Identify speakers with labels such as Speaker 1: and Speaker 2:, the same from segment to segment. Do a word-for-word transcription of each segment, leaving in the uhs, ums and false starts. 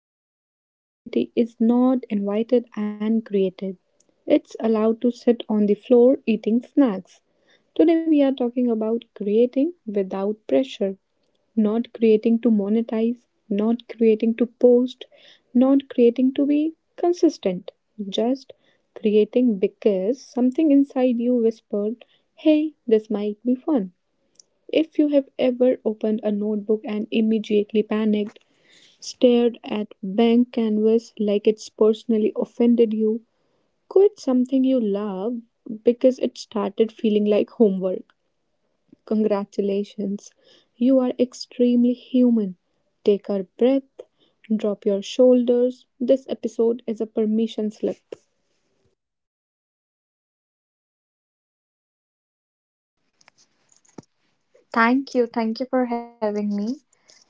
Speaker 1: podcast where productivity is not invited and created. It's allowed to sit on the floor eating snacks. Today we are talking about creating without pressure, not creating to monetize, not creating to post, not creating to be consistent, just creating because something inside you whispered, Hey, this might be fun. If you have ever opened a notebook and immediately panicked, stared at blank canvas like it's personally offended you? Quit something you love because it started feeling like homework. Congratulations, you are extremely human. Take a breath, drop your shoulders. This episode is a permission slip.
Speaker 2: Thank you. Thank you for having me.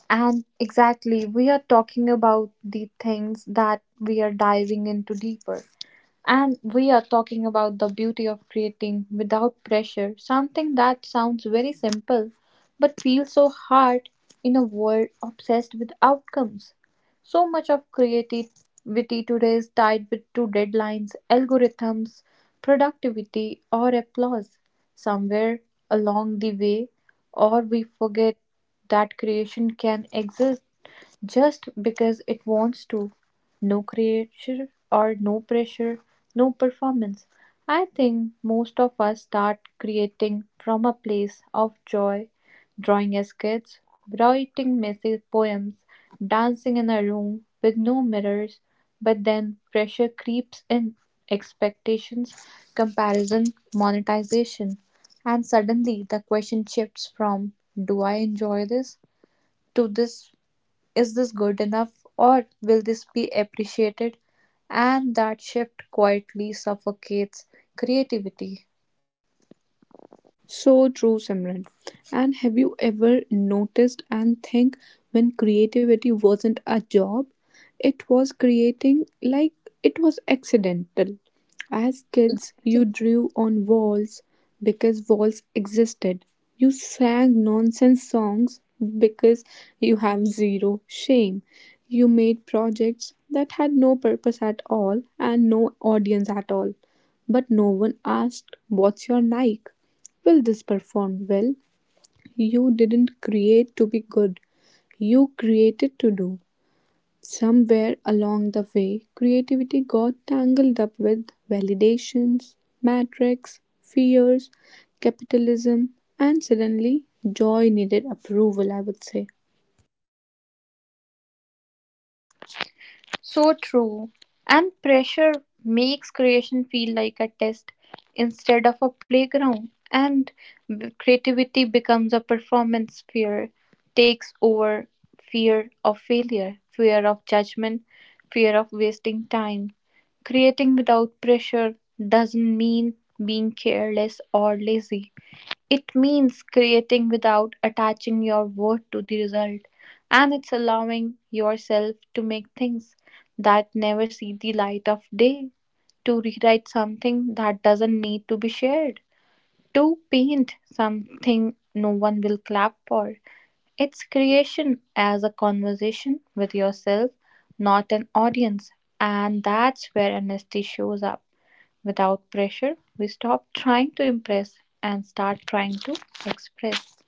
Speaker 2: And exactly, we are talking about the things that we are diving into deeper. And we are talking about the beauty of creating without pressure, something that sounds very simple but feels so hard in a world obsessed with outcomes. So much of creativity today is tied with to deadlines, algorithms, productivity, or applause. Somewhere along the way, or we forget that creation can exist just because it wants to. No creature or no pressure, no performance. I think most of us start creating from a place of joy, drawing as kids, writing messy poems, dancing in a room with no mirrors, but then pressure creeps in expectations, comparison, monetization, and suddenly the question shifts from do I enjoy this to this is this good enough or will this be appreciated? And that shift quietly suffocates creativity.
Speaker 1: So true, Simran. And have you ever noticed and think when creativity wasn't a job, it was creating like it was accidental. As kids, you drew on walls because walls existed. You sang nonsense songs because you have zero shame. You made projects that had no purpose at all and no audience at all. But no one asked, What's your like? Will this perform well? You didn't create to be good. You created to do. Somewhere along the way, creativity got tangled up with validations, metrics, fears, capitalism, and suddenly joy needed approval, I would say.
Speaker 2: So true. And pressure makes creation feel like a test instead of a playground. And b- creativity becomes a performance fear, takes over fear of failure, fear of judgment, fear of wasting time. Creating without pressure doesn't mean being careless or lazy. It means creating without attaching your worth to the result, and it's allowing yourself to make things that never see the light of day, to rewrite something that doesn't need to be shared, to paint something no one will clap for. It's creation as a conversation with yourself, not an audience, and that's where honesty shows up. Without pressure, we stop trying to impress and start trying to express.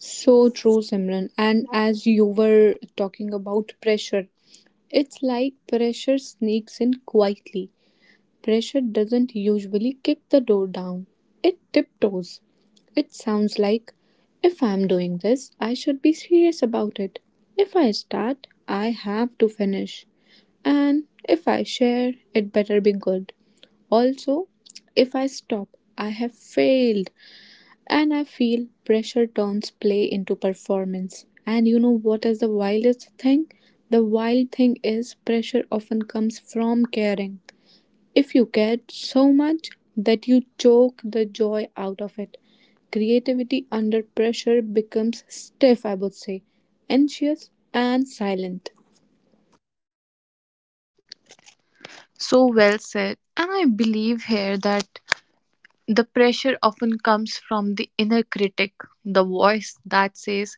Speaker 1: So true, Simran. And as you were talking about pressure, it's like pressure sneaks in quietly. Pressure doesn't usually kick the door down, it tiptoes. It sounds like, if I'm doing this, I should be serious about it. If I start, I have to finish. And if I share, it better be good. Also, if I stop, I have failed. And I feel pressure turns play into performance. And you know what is the wildest thing? The wild thing is pressure often comes from caring. If you cared so much that you choke the joy out of it, creativity under pressure becomes stiff, I would say, anxious and silent.
Speaker 2: So well said. And I believe here that the pressure often comes from the inner critic, the voice that says,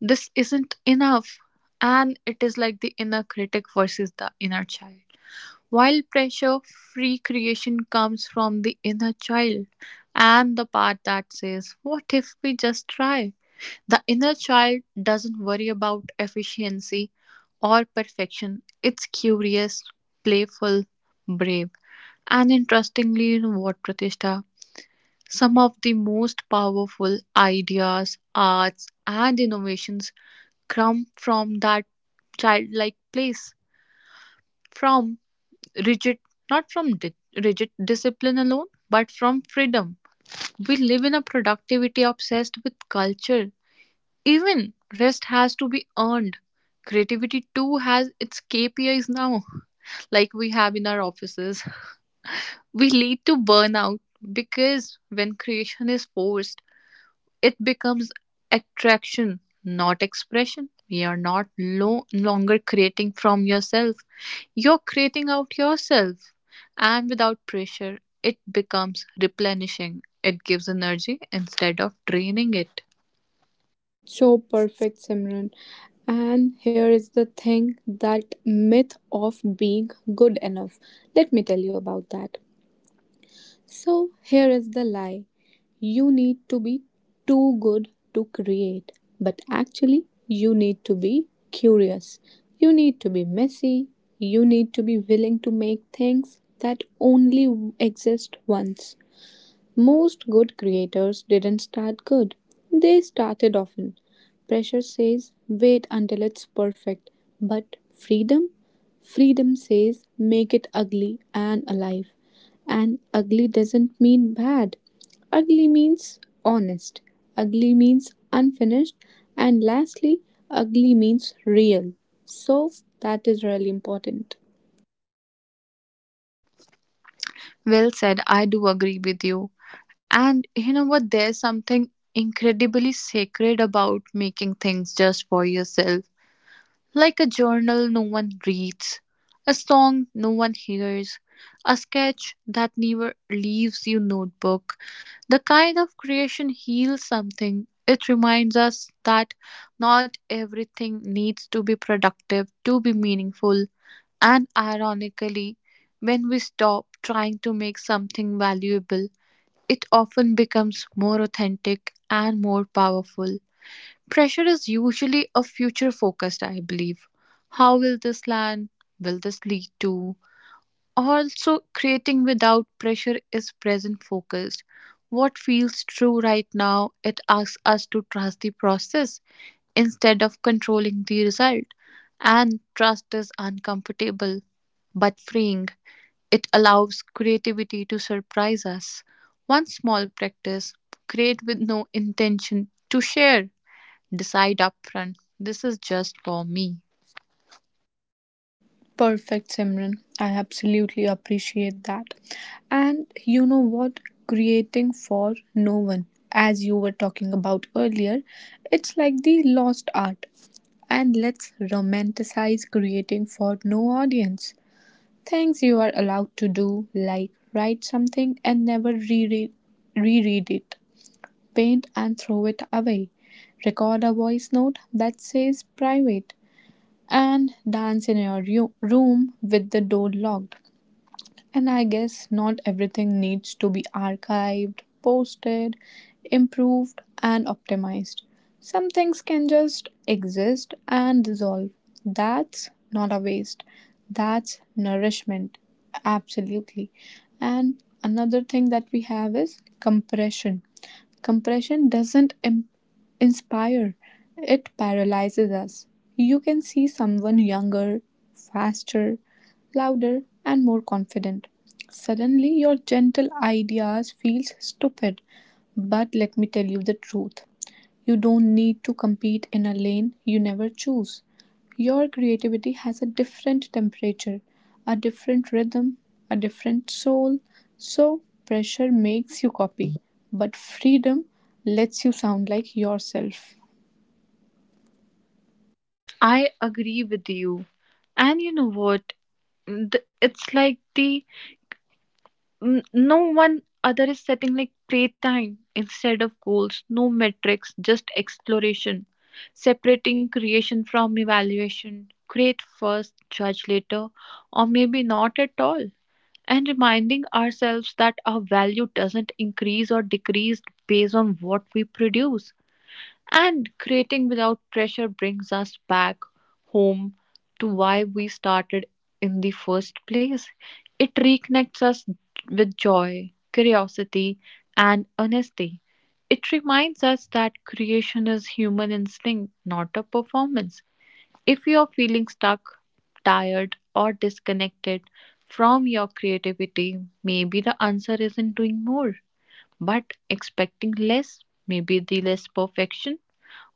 Speaker 2: this isn't enough. And it is like the inner critic versus the inner child. While pressure free creation comes from the inner child and the part that says, what if we just try? The inner child doesn't worry about efficiency or perfection. It's curious, playful, brave. And interestingly, you know what, Pratishtha? Some of the most powerful ideas, arts, and innovations come from that childlike place, from rigid, not from di- rigid discipline alone, but from freedom. We live in a productivity obsessed with culture. Even rest has to be earned. Creativity too has its K P Is now, like we have in our offices. We lead to burnout because when creation is forced, it becomes attraction, not expression. You're not no longer creating from yourself. You're creating out yourself. And without pressure, it becomes replenishing. It gives energy instead of draining it.
Speaker 1: So perfect, Simran. And here is the thing that myth of being good enough. Let me tell you about that. So here is the lie you need to be too good to create, but actually, you need to be curious, you need to be messy, you need to be willing to make things that only exist once. Most good creators didn't start good, they started often. Pressure says, wait until it's perfect. But freedom? Freedom says, make it ugly and alive. And ugly doesn't mean bad. Ugly means honest. Ugly means unfinished. And lastly, ugly means real. So that is really important.
Speaker 2: Well said, I do agree with you. And you know what? There's something incredibly sacred about making things just for yourself. Like a journal no one reads, a song no one hears, a sketch that never leaves your notebook. The kind of creation heals something. It reminds us that not everything needs to be productive to be meaningful. And ironically, when we stop trying to make something valuable, it often becomes more authentic and more powerful. Pressure is usually a future focused, I believe. How will this land? Will this lead to? Also, creating without pressure is present focused. What feels true right now, it asks us to trust the process instead of controlling the result. And trust is uncomfortable but freeing. It allows creativity to surprise us. One small practice, create with no intention to share. Decide upfront, this is just for me.
Speaker 1: Perfect, Simran. I absolutely appreciate that. And you know what? Creating for no one, as you were talking about earlier, it's like the lost art. And let's romanticize creating for no audience. Things you are allowed to do, like write something and never reread, reread it, paint and throw it away, record a voice note that says private, and dance in your ru- room with the door locked. And I guess not everything needs to be archived, posted, improved, and optimized. Some things can just exist and dissolve. That's not a waste, that's nourishment. Absolutely. And another thing that we have is compression. Compression doesn't im- inspire, it paralyzes us. You can see someone younger, faster, louder, and more confident. Suddenly, your gentle ideas feels stupid. But let me tell you the truth. You don't need to compete in a lane you never choose. Your creativity has a different temperature, a different rhythm, a different soul. So, pressure makes you copy, but freedom lets you sound like yourself.
Speaker 2: I agree with you. And you know what? Th- It's like the n- no one other is setting like playtime instead of goals, no metrics, just exploration, separating creation from evaluation, create first judge later or maybe not at all, and reminding ourselves that our value doesn't increase or decrease based on what we produce, and creating without pressure brings us back home to why we started in the first place. It reconnects us with joy, curiosity, and honesty. It reminds us that creation is human instinct, not a performance. If you are feeling stuck, tired, or disconnected from your creativity, maybe the answer isn't doing more, but expecting less, maybe the less perfection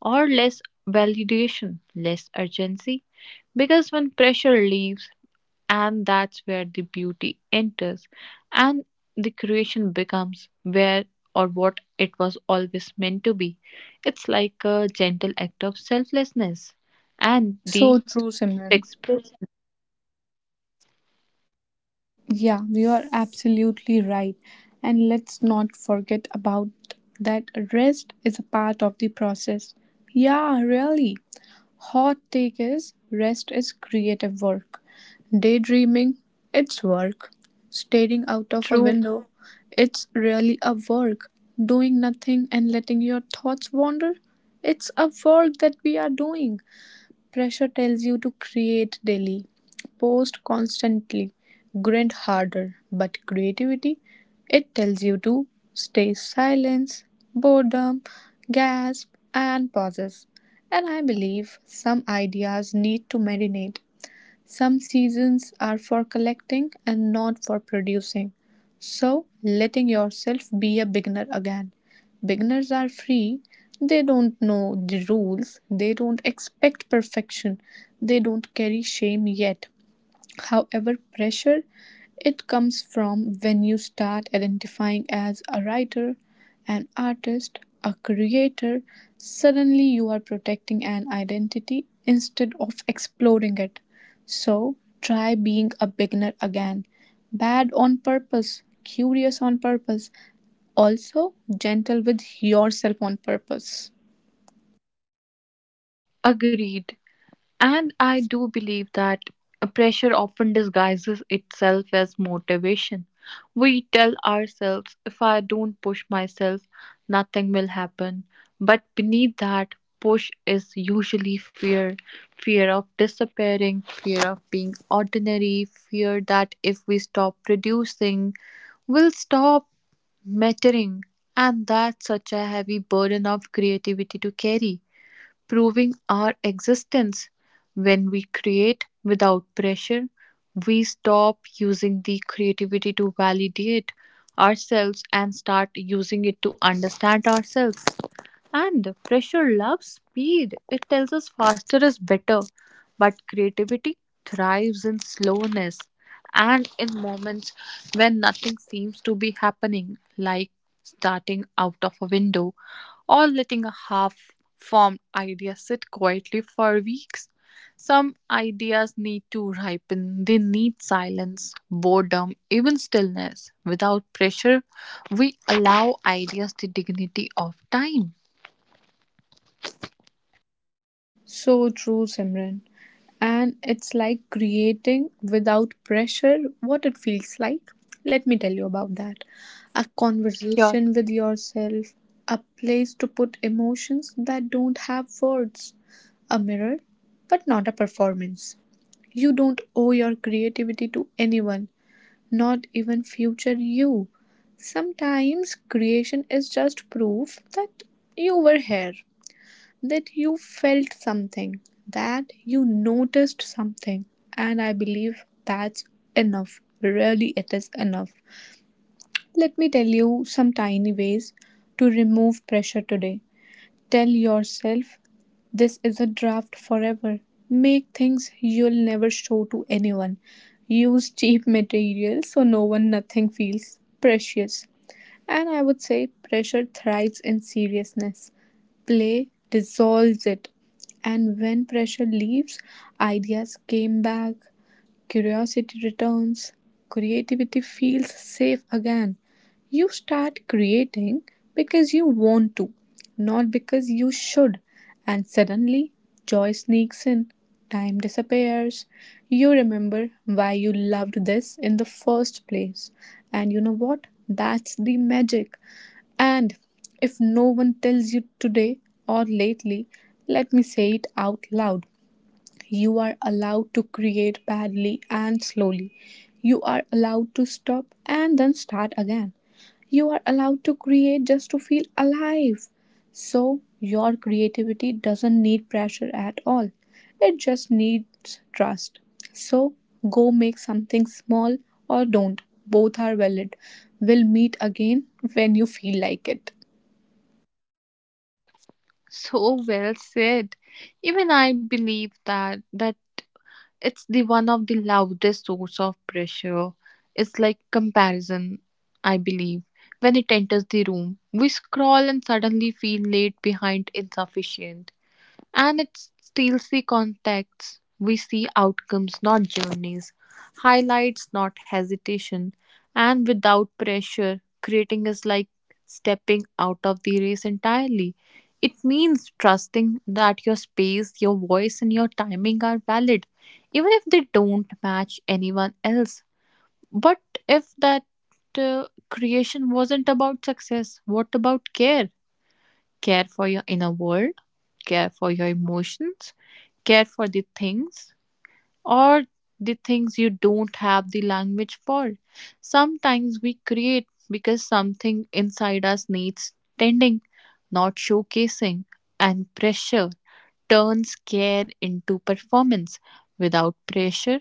Speaker 2: or less validation, less urgency. Because when pressure leaves, and that's where the beauty enters, and the creation becomes where or what it was always meant to be. It's like a gentle act of selflessness and the
Speaker 1: So true, Simran.
Speaker 2: expression.
Speaker 1: Yeah, you are absolutely right. And let's not forget about that rest is a part of the process. Yeah, really. Hot take is rest is creative work. Daydreaming, it's work. Staring out of a
Speaker 2: True,
Speaker 1: window, it's really a work. Doing nothing and letting your thoughts wander, it's a work that we are doing. Pressure tells you to create daily, post constantly, grind harder. But creativity, it tells you to stay silence, boredom, gasp, and pauses. And I believe some ideas need to marinate some seasons are for collecting and not for producing. So, letting yourself be a beginner again. Beginners are free, they don't know the rules, they don't expect perfection, they don't carry shame yet. However, pressure it comes from when you start identifying as a writer, an artist, a creator, suddenly you are protecting an identity instead of exploring it. So, try being a beginner again. Bad on purpose, curious on purpose, also gentle with yourself on purpose.
Speaker 2: agreed. And I do believe that pressure often disguises itself as motivation. We tell ourselves, if I don't push myself, nothing will happen. But beneath that push is usually fear, fear of disappearing, fear of being ordinary, fear that if we stop producing, we'll stop mattering. And that's such a heavy burden of creativity to carry, proving our existence. When we create without pressure, we stop using the creativity to validate ourselves and start using it to understand ourselves. And pressure loves speed. It tells us faster is better. But creativity thrives in slowness and in moments when nothing seems to be happening, like starting out of a window or letting a half formed idea sit quietly for weeks. Some ideas need to ripen, they need silence, boredom, even stillness. Without pressure, we allow ideas the dignity of time.
Speaker 1: So true, Simran. And it's like creating without pressure what it feels like. Let me tell you about that. A
Speaker 2: Sure.
Speaker 1: conversation with yourself, a place to put emotions that don't have words, a mirror, but not a performance. You don't owe your creativity to anyone, not even future you. Sometimes creation is just proof that you were here that you felt something, that you noticed something, and I believe that's enough. Really, it is enough. Let me tell you some tiny ways to remove pressure today. Tell yourself this is a draft forever. Make things you'll never show to anyone. Use cheap materials so no one nothing feels precious. And I would say pressure thrives in seriousness. Play dissolves it. And when pressure leaves, ideas came back, curiosity returns, creativity feels safe again. You start creating because you want to, not because you should. And suddenly, joy sneaks in, time disappears. You remember why you loved this in the first place. And you know what? That's the magic. And if no one tells you today or lately, let me say it out loud you are allowed to create badly and slowly. You are allowed to stop and then start again. You are allowed to create just to feel alive. So, your creativity doesn't need pressure at all, it just needs trust. So, go make something small or don't. Both are valid. We'll meet again when you feel like it.
Speaker 2: So well said. Even I believe that that it's the one of the loudest source of pressure. It's like comparison, I believe. When it enters the room, we scroll and suddenly feel late behind insufficient. And it steals the context. We see outcomes, not journeys, highlights, not hesitation, and without pressure. Creating is like stepping out of the race entirely. It means trusting that your space, your voice, and your timing are valid, even if they don't match anyone else. But if that uh, creation wasn't about success, what about care? Care for your inner world, care for your emotions, care for the things or the things you don't have the language for. Sometimes we create because something inside us needs tending, not showcasing, and pressure turns care into performance. Without pressure,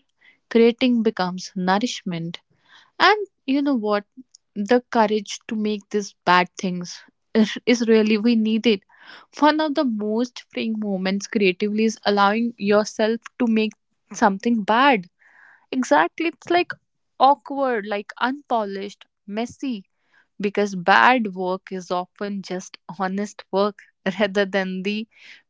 Speaker 2: creating becomes nourishment. And you know what? The courage to make these bad things is is really we need it. One of the most freeing moments creatively is allowing yourself to make something bad. Exactly. It's like awkward, like unpolished, messy, because bad work is often just honest work rather than the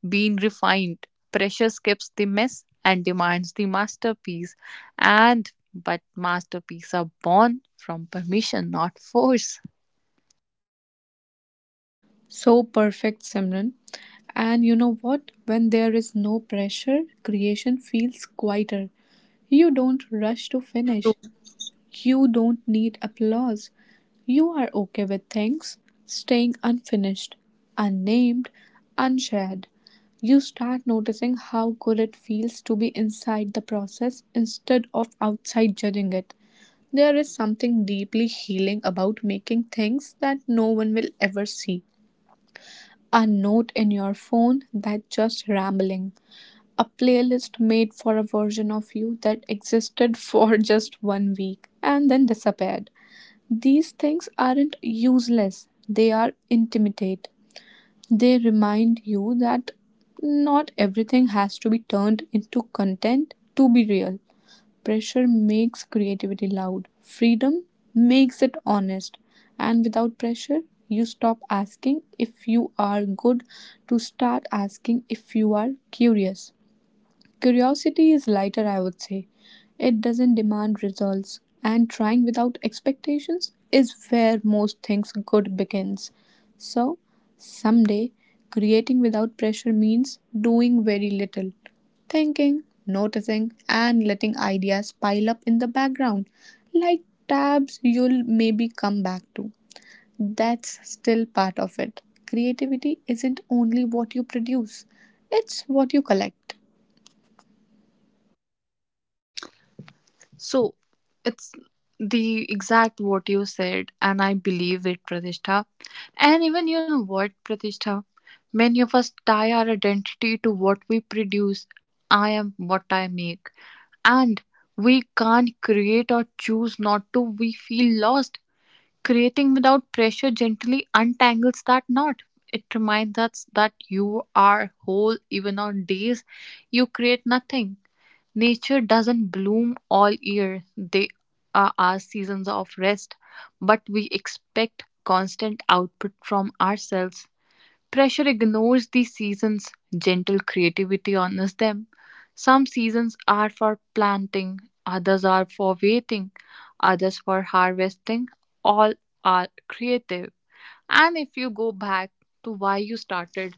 Speaker 2: being refined. Pressure skips the mess and demands the masterpiece. And but masterpieces are born from permission, not force.
Speaker 1: So perfect, Simran. And you know what? When there is no pressure, creation feels quieter. You don't rush to finish. You don't need applause. You are okay with things staying unfinished, unnamed, unshared. You start noticing how good it feels to be inside the process instead of outside judging it. There is something deeply healing about making things that no one will ever see a note in your phone that just rambling, a playlist made for a version of you that existed for just one week and then disappeared. These things aren't useless, they are intimate. They remind you that not everything has to be turned into content to be real. Pressure makes creativity loud, freedom makes it honest. And without pressure, you stop asking if you are good to start asking if you are curious. Curiosity is lighter, I would say. It doesn't demand results, and trying without expectations is where most things good begins. So, someday, creating without pressure means doing very little, thinking, noticing, and letting ideas pile up in the background, like tabs you'll maybe come back to. That's still part of it. Creativity isn't only what you produce, it's what you collect.
Speaker 2: So it's the exact what you said, and I believe it, Pratishtha. And even you know what, Pratishtha? Many of us tie our identity to what we produce. I am what I make. And we can't create or choose not to. We feel lost. Creating without pressure gently untangles that knot. It reminds us that you are whole even on days you create nothing. Nature doesn't bloom all year. There are our seasons of rest, but we expect constant output from ourselves. Pressure ignores these seasons, gentle creativity honors them. Some seasons are for planting, others are for waiting, others for harvesting. All are creative. And if you go back to why you started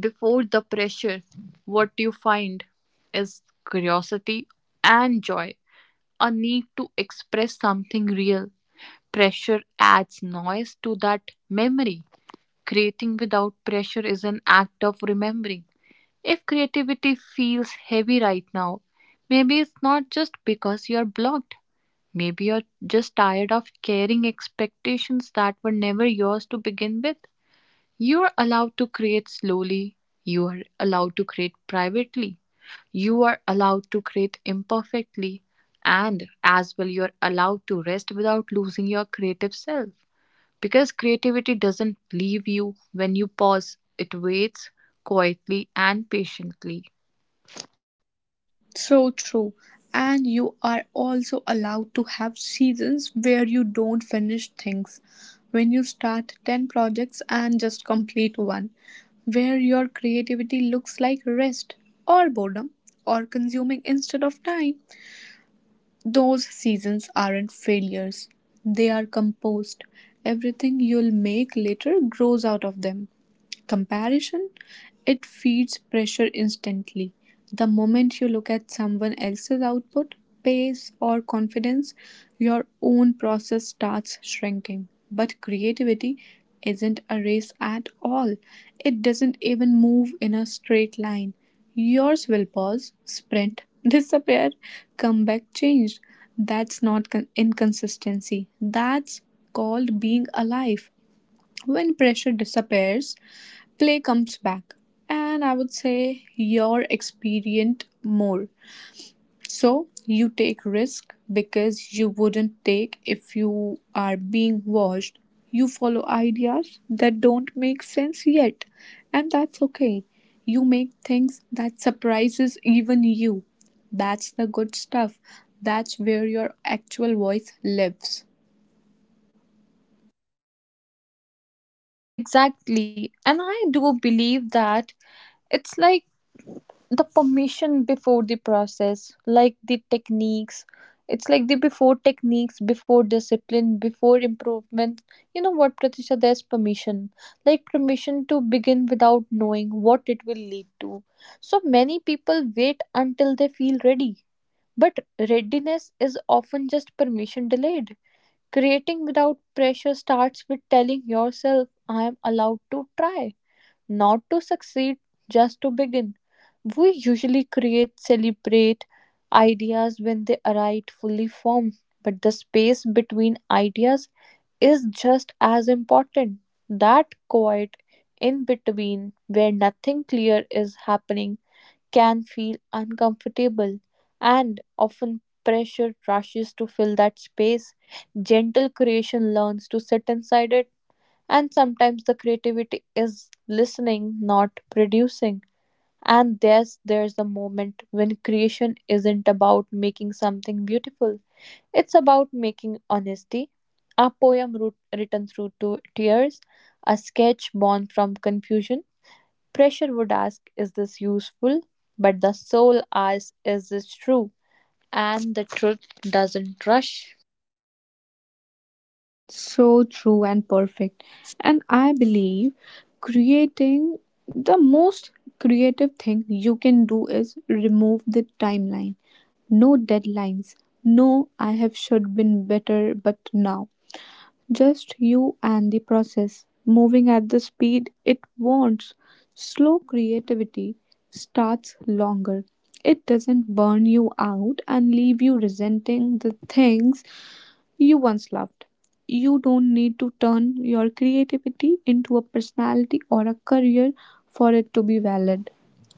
Speaker 2: before the pressure, what you find is curiosity and joy, a need to express something real. Pressure adds noise to that memory. Creating without pressure is an act of remembering. If creativity feels heavy right now, maybe it's not just because you're blocked. Maybe you're just tired of carrying expectations that were never yours to begin with. You're allowed to create slowly, you are allowed to create privately, you are allowed to create imperfectly, and as well, you're allowed to rest without losing your creative self. Because creativity doesn't leave you when you pause, it waits quietly and patiently.
Speaker 1: So true. And you are also allowed to have seasons where you don't finish things. When you start ten projects and just complete one, where your creativity looks like rest or boredom or consuming instead of time. Those seasons aren't failures, they are composed. Everything you'll make later grows out of them. Comparison, it feeds pressure instantly. The moment you look at someone else's output, pace, or confidence, your own process starts shrinking. But creativity isn't a race at all, it doesn't even move in a straight line. Yours will pause, sprint, disappear, come back changed. That's not con- inconsistency. That's called being alive. When pressure disappears, play comes back. And I would say you're experienced more. So you take risk because you wouldn't take if you are being watched. You follow ideas that don't make sense yet, and that's okay. You make things that surprises even you. That's the good stuff. That's where your actual voice lives.
Speaker 2: Exactly. And I do believe that it's like the permission before the process, like the techniques, it's like the before techniques before discipline before improvement. You know what, Pratisha? There's permission, like permission to begin without knowing what it will lead to. So many people wait until they feel ready, but readiness is often just permission delayed. Creating without pressure starts with telling yourself, I am allowed to try, not to succeed, just to begin. We usually create, celebrate ideas when they arrive fully formed, but the space between ideas is just as important. That quiet in between where nothing clear is happening can feel uncomfortable, and often pressure rushes to fill that space. Gentle creation learns to sit inside it, and sometimes the creativity is listening, not producing. And there's there's the moment when creation isn't about making something beautiful. It's about making honesty. A poem wrote, written through two tears, a sketch born from confusion. Pressure would ask, is this useful? But the soul asks, is this true? And the truth doesn't rush.
Speaker 1: So true and perfect. And I believe creating the most creative thing you can do is remove the timeline. No deadlines. No, I have should been better, but now. Just you and the process. Moving at the speed it wants. Slow creativity starts longer. It doesn't burn you out and leave you resenting the things you once loved. You don't need to turn your creativity into a personality or a career for it to be valid.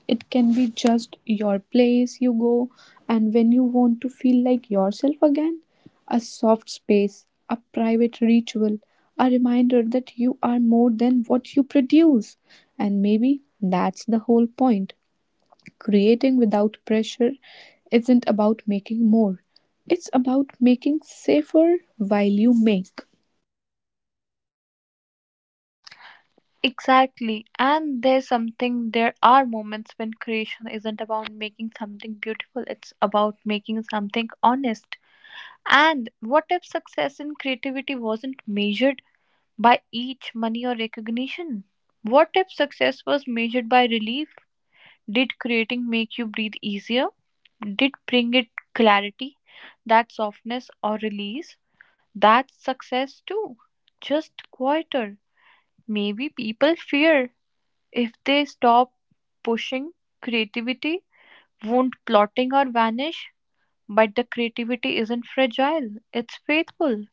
Speaker 1: It can be just your place you go, and when you want to feel like yourself again, a soft space, a private ritual, a reminder that you are more than what you produce. And maybe that's the whole point. Creating without pressure isn't about making more, it's about making safer while you make.
Speaker 2: Exactly. And there's something, there are moments when creation isn't about making something beautiful, it's about making something honest. And what if success in creativity wasn't measured by each money or recognition? What if success was measured by relief? Did creating make you breathe easier? Did bring it clarity, that softness or release? That's success too. Just quieter. Maybe people fear if they stop pushing, creativity won't plotting or vanish, but the creativity isn't fragile, it's faithful.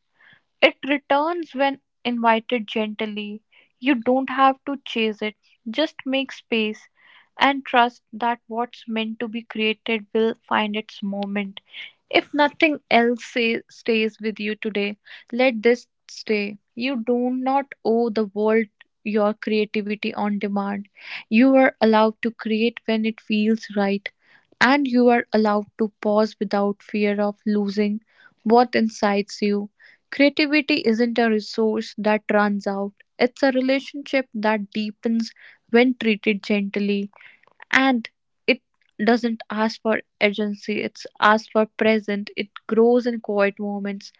Speaker 2: It returns when invited gently. You don't have to chase it, just make space and trust that what's meant to be created will find its moment. If nothing else say, stays with you today, let this stay. You do not owe the world your creativity on demand. You are allowed to create when it feels right, and you are allowed to pause without fear of losing what incites you. Creativity isn't a resource that runs out, it's a relationship that deepens when treated gently, and it doesn't ask for urgency, it's asked for present. It grows in quiet moments,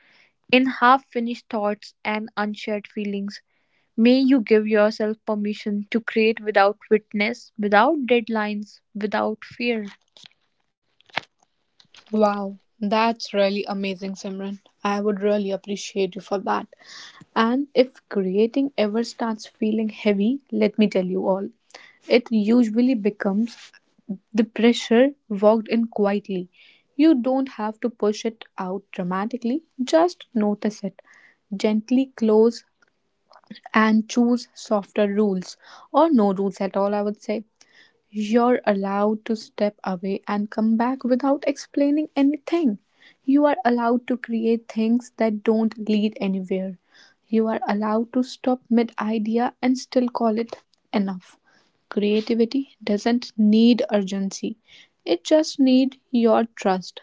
Speaker 2: in half finished thoughts and unshared feelings. May you give yourself permission to create without witness, without deadlines, without fear.
Speaker 1: Wow, that's really amazing, Simran. I would really appreciate you for that. And if creating ever starts feeling heavy, let me tell you all, it usually becomes the pressure walked in quietly. You don't have to push it out dramatically, just notice it. Gently close and choose softer rules or no rules at all, I would say. You're allowed to step away and come back without explaining anything. You are allowed to create things that don't lead anywhere. You are allowed to stop mid idea and still call it enough. Creativity doesn't need urgency, it just needs your trust.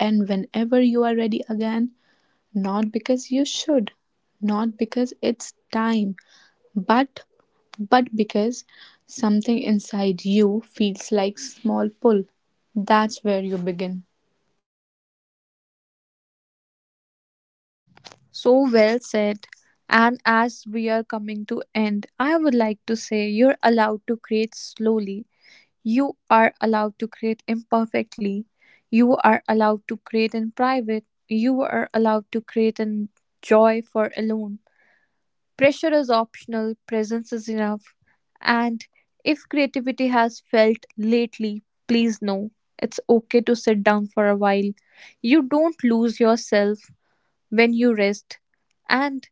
Speaker 1: And whenever you are ready again, not because you should, not because it's time, but but because something inside you feels like small pull that's where you begin.
Speaker 2: So well said. And as we are coming to end, I would like to say you're allowed to create slowly. You are allowed to create imperfectly. You are allowed to create in private. You are allowed to create in joy for alone. Pressure is optional, presence is enough. And if creativity has felt lately, please know it's okay to sit down for a while. You don't lose yourself when you rest. And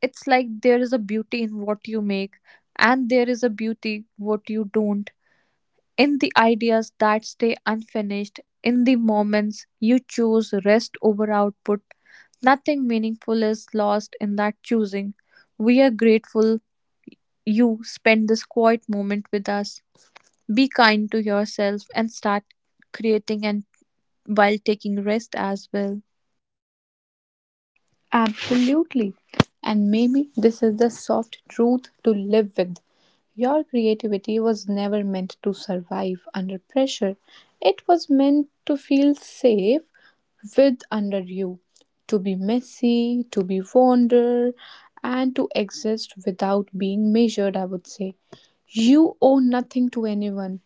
Speaker 2: it's like there is a beauty in what you make, and there is a beauty what you don't, in the ideas that stay unfinished, in the moments you choose rest over output. Nothing meaningful is lost in that choosing. We are grateful you spent this quiet moment with us. Be kind to yourself and start creating and while taking rest as well.
Speaker 1: Absolutely. And maybe this is the soft truth to live with. Your creativity was never meant to survive under pressure, it was meant to feel safe with under you, to be messy, to be wander, and to exist without being measured, I would say. You owe nothing to anyone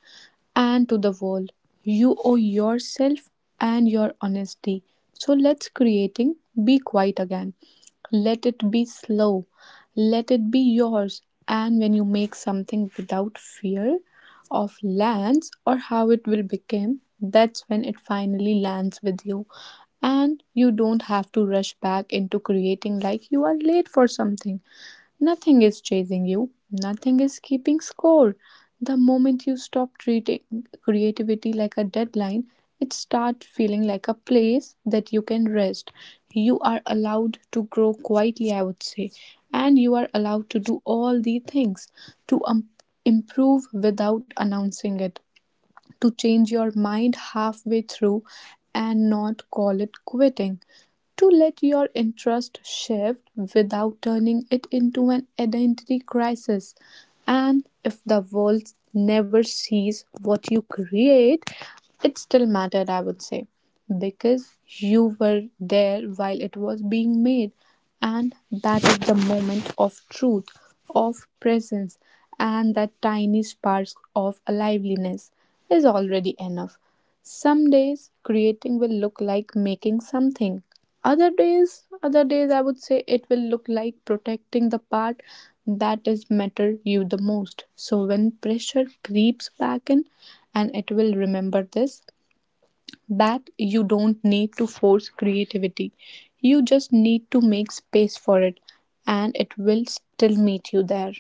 Speaker 1: and to the world. You owe yourself and your honesty. So let's creating be quiet again. Let it be slow. Let it be yours. And when you make something without fear of lands or how it will become, that's when it finally lands with you. And you don't have to rush back into creating like you are late for something. Nothing is chasing you, nothing is keeping score. The moment you stop treating creativity like a deadline, it starts feeling like a place that you can rest. You are allowed to grow quietly, I would say, and you are allowed to do all the things to um, improve without announcing it, to change your mind halfway through and not call it quitting to let your interest shift without turning it into an identity crisis. And if the world never sees what you create, it still mattered, I would say, because you were there while it was being made. And that is the moment of truth, of presence, and that tiny spark of aliveness is already enough. Some days creating will look like making something. Other days, other days I would say it will look like protecting the part that is matter you the most. So when pressure creeps back in and it will remember this that you don't need to force creativity. You just need to make space for it and it will still meet you there.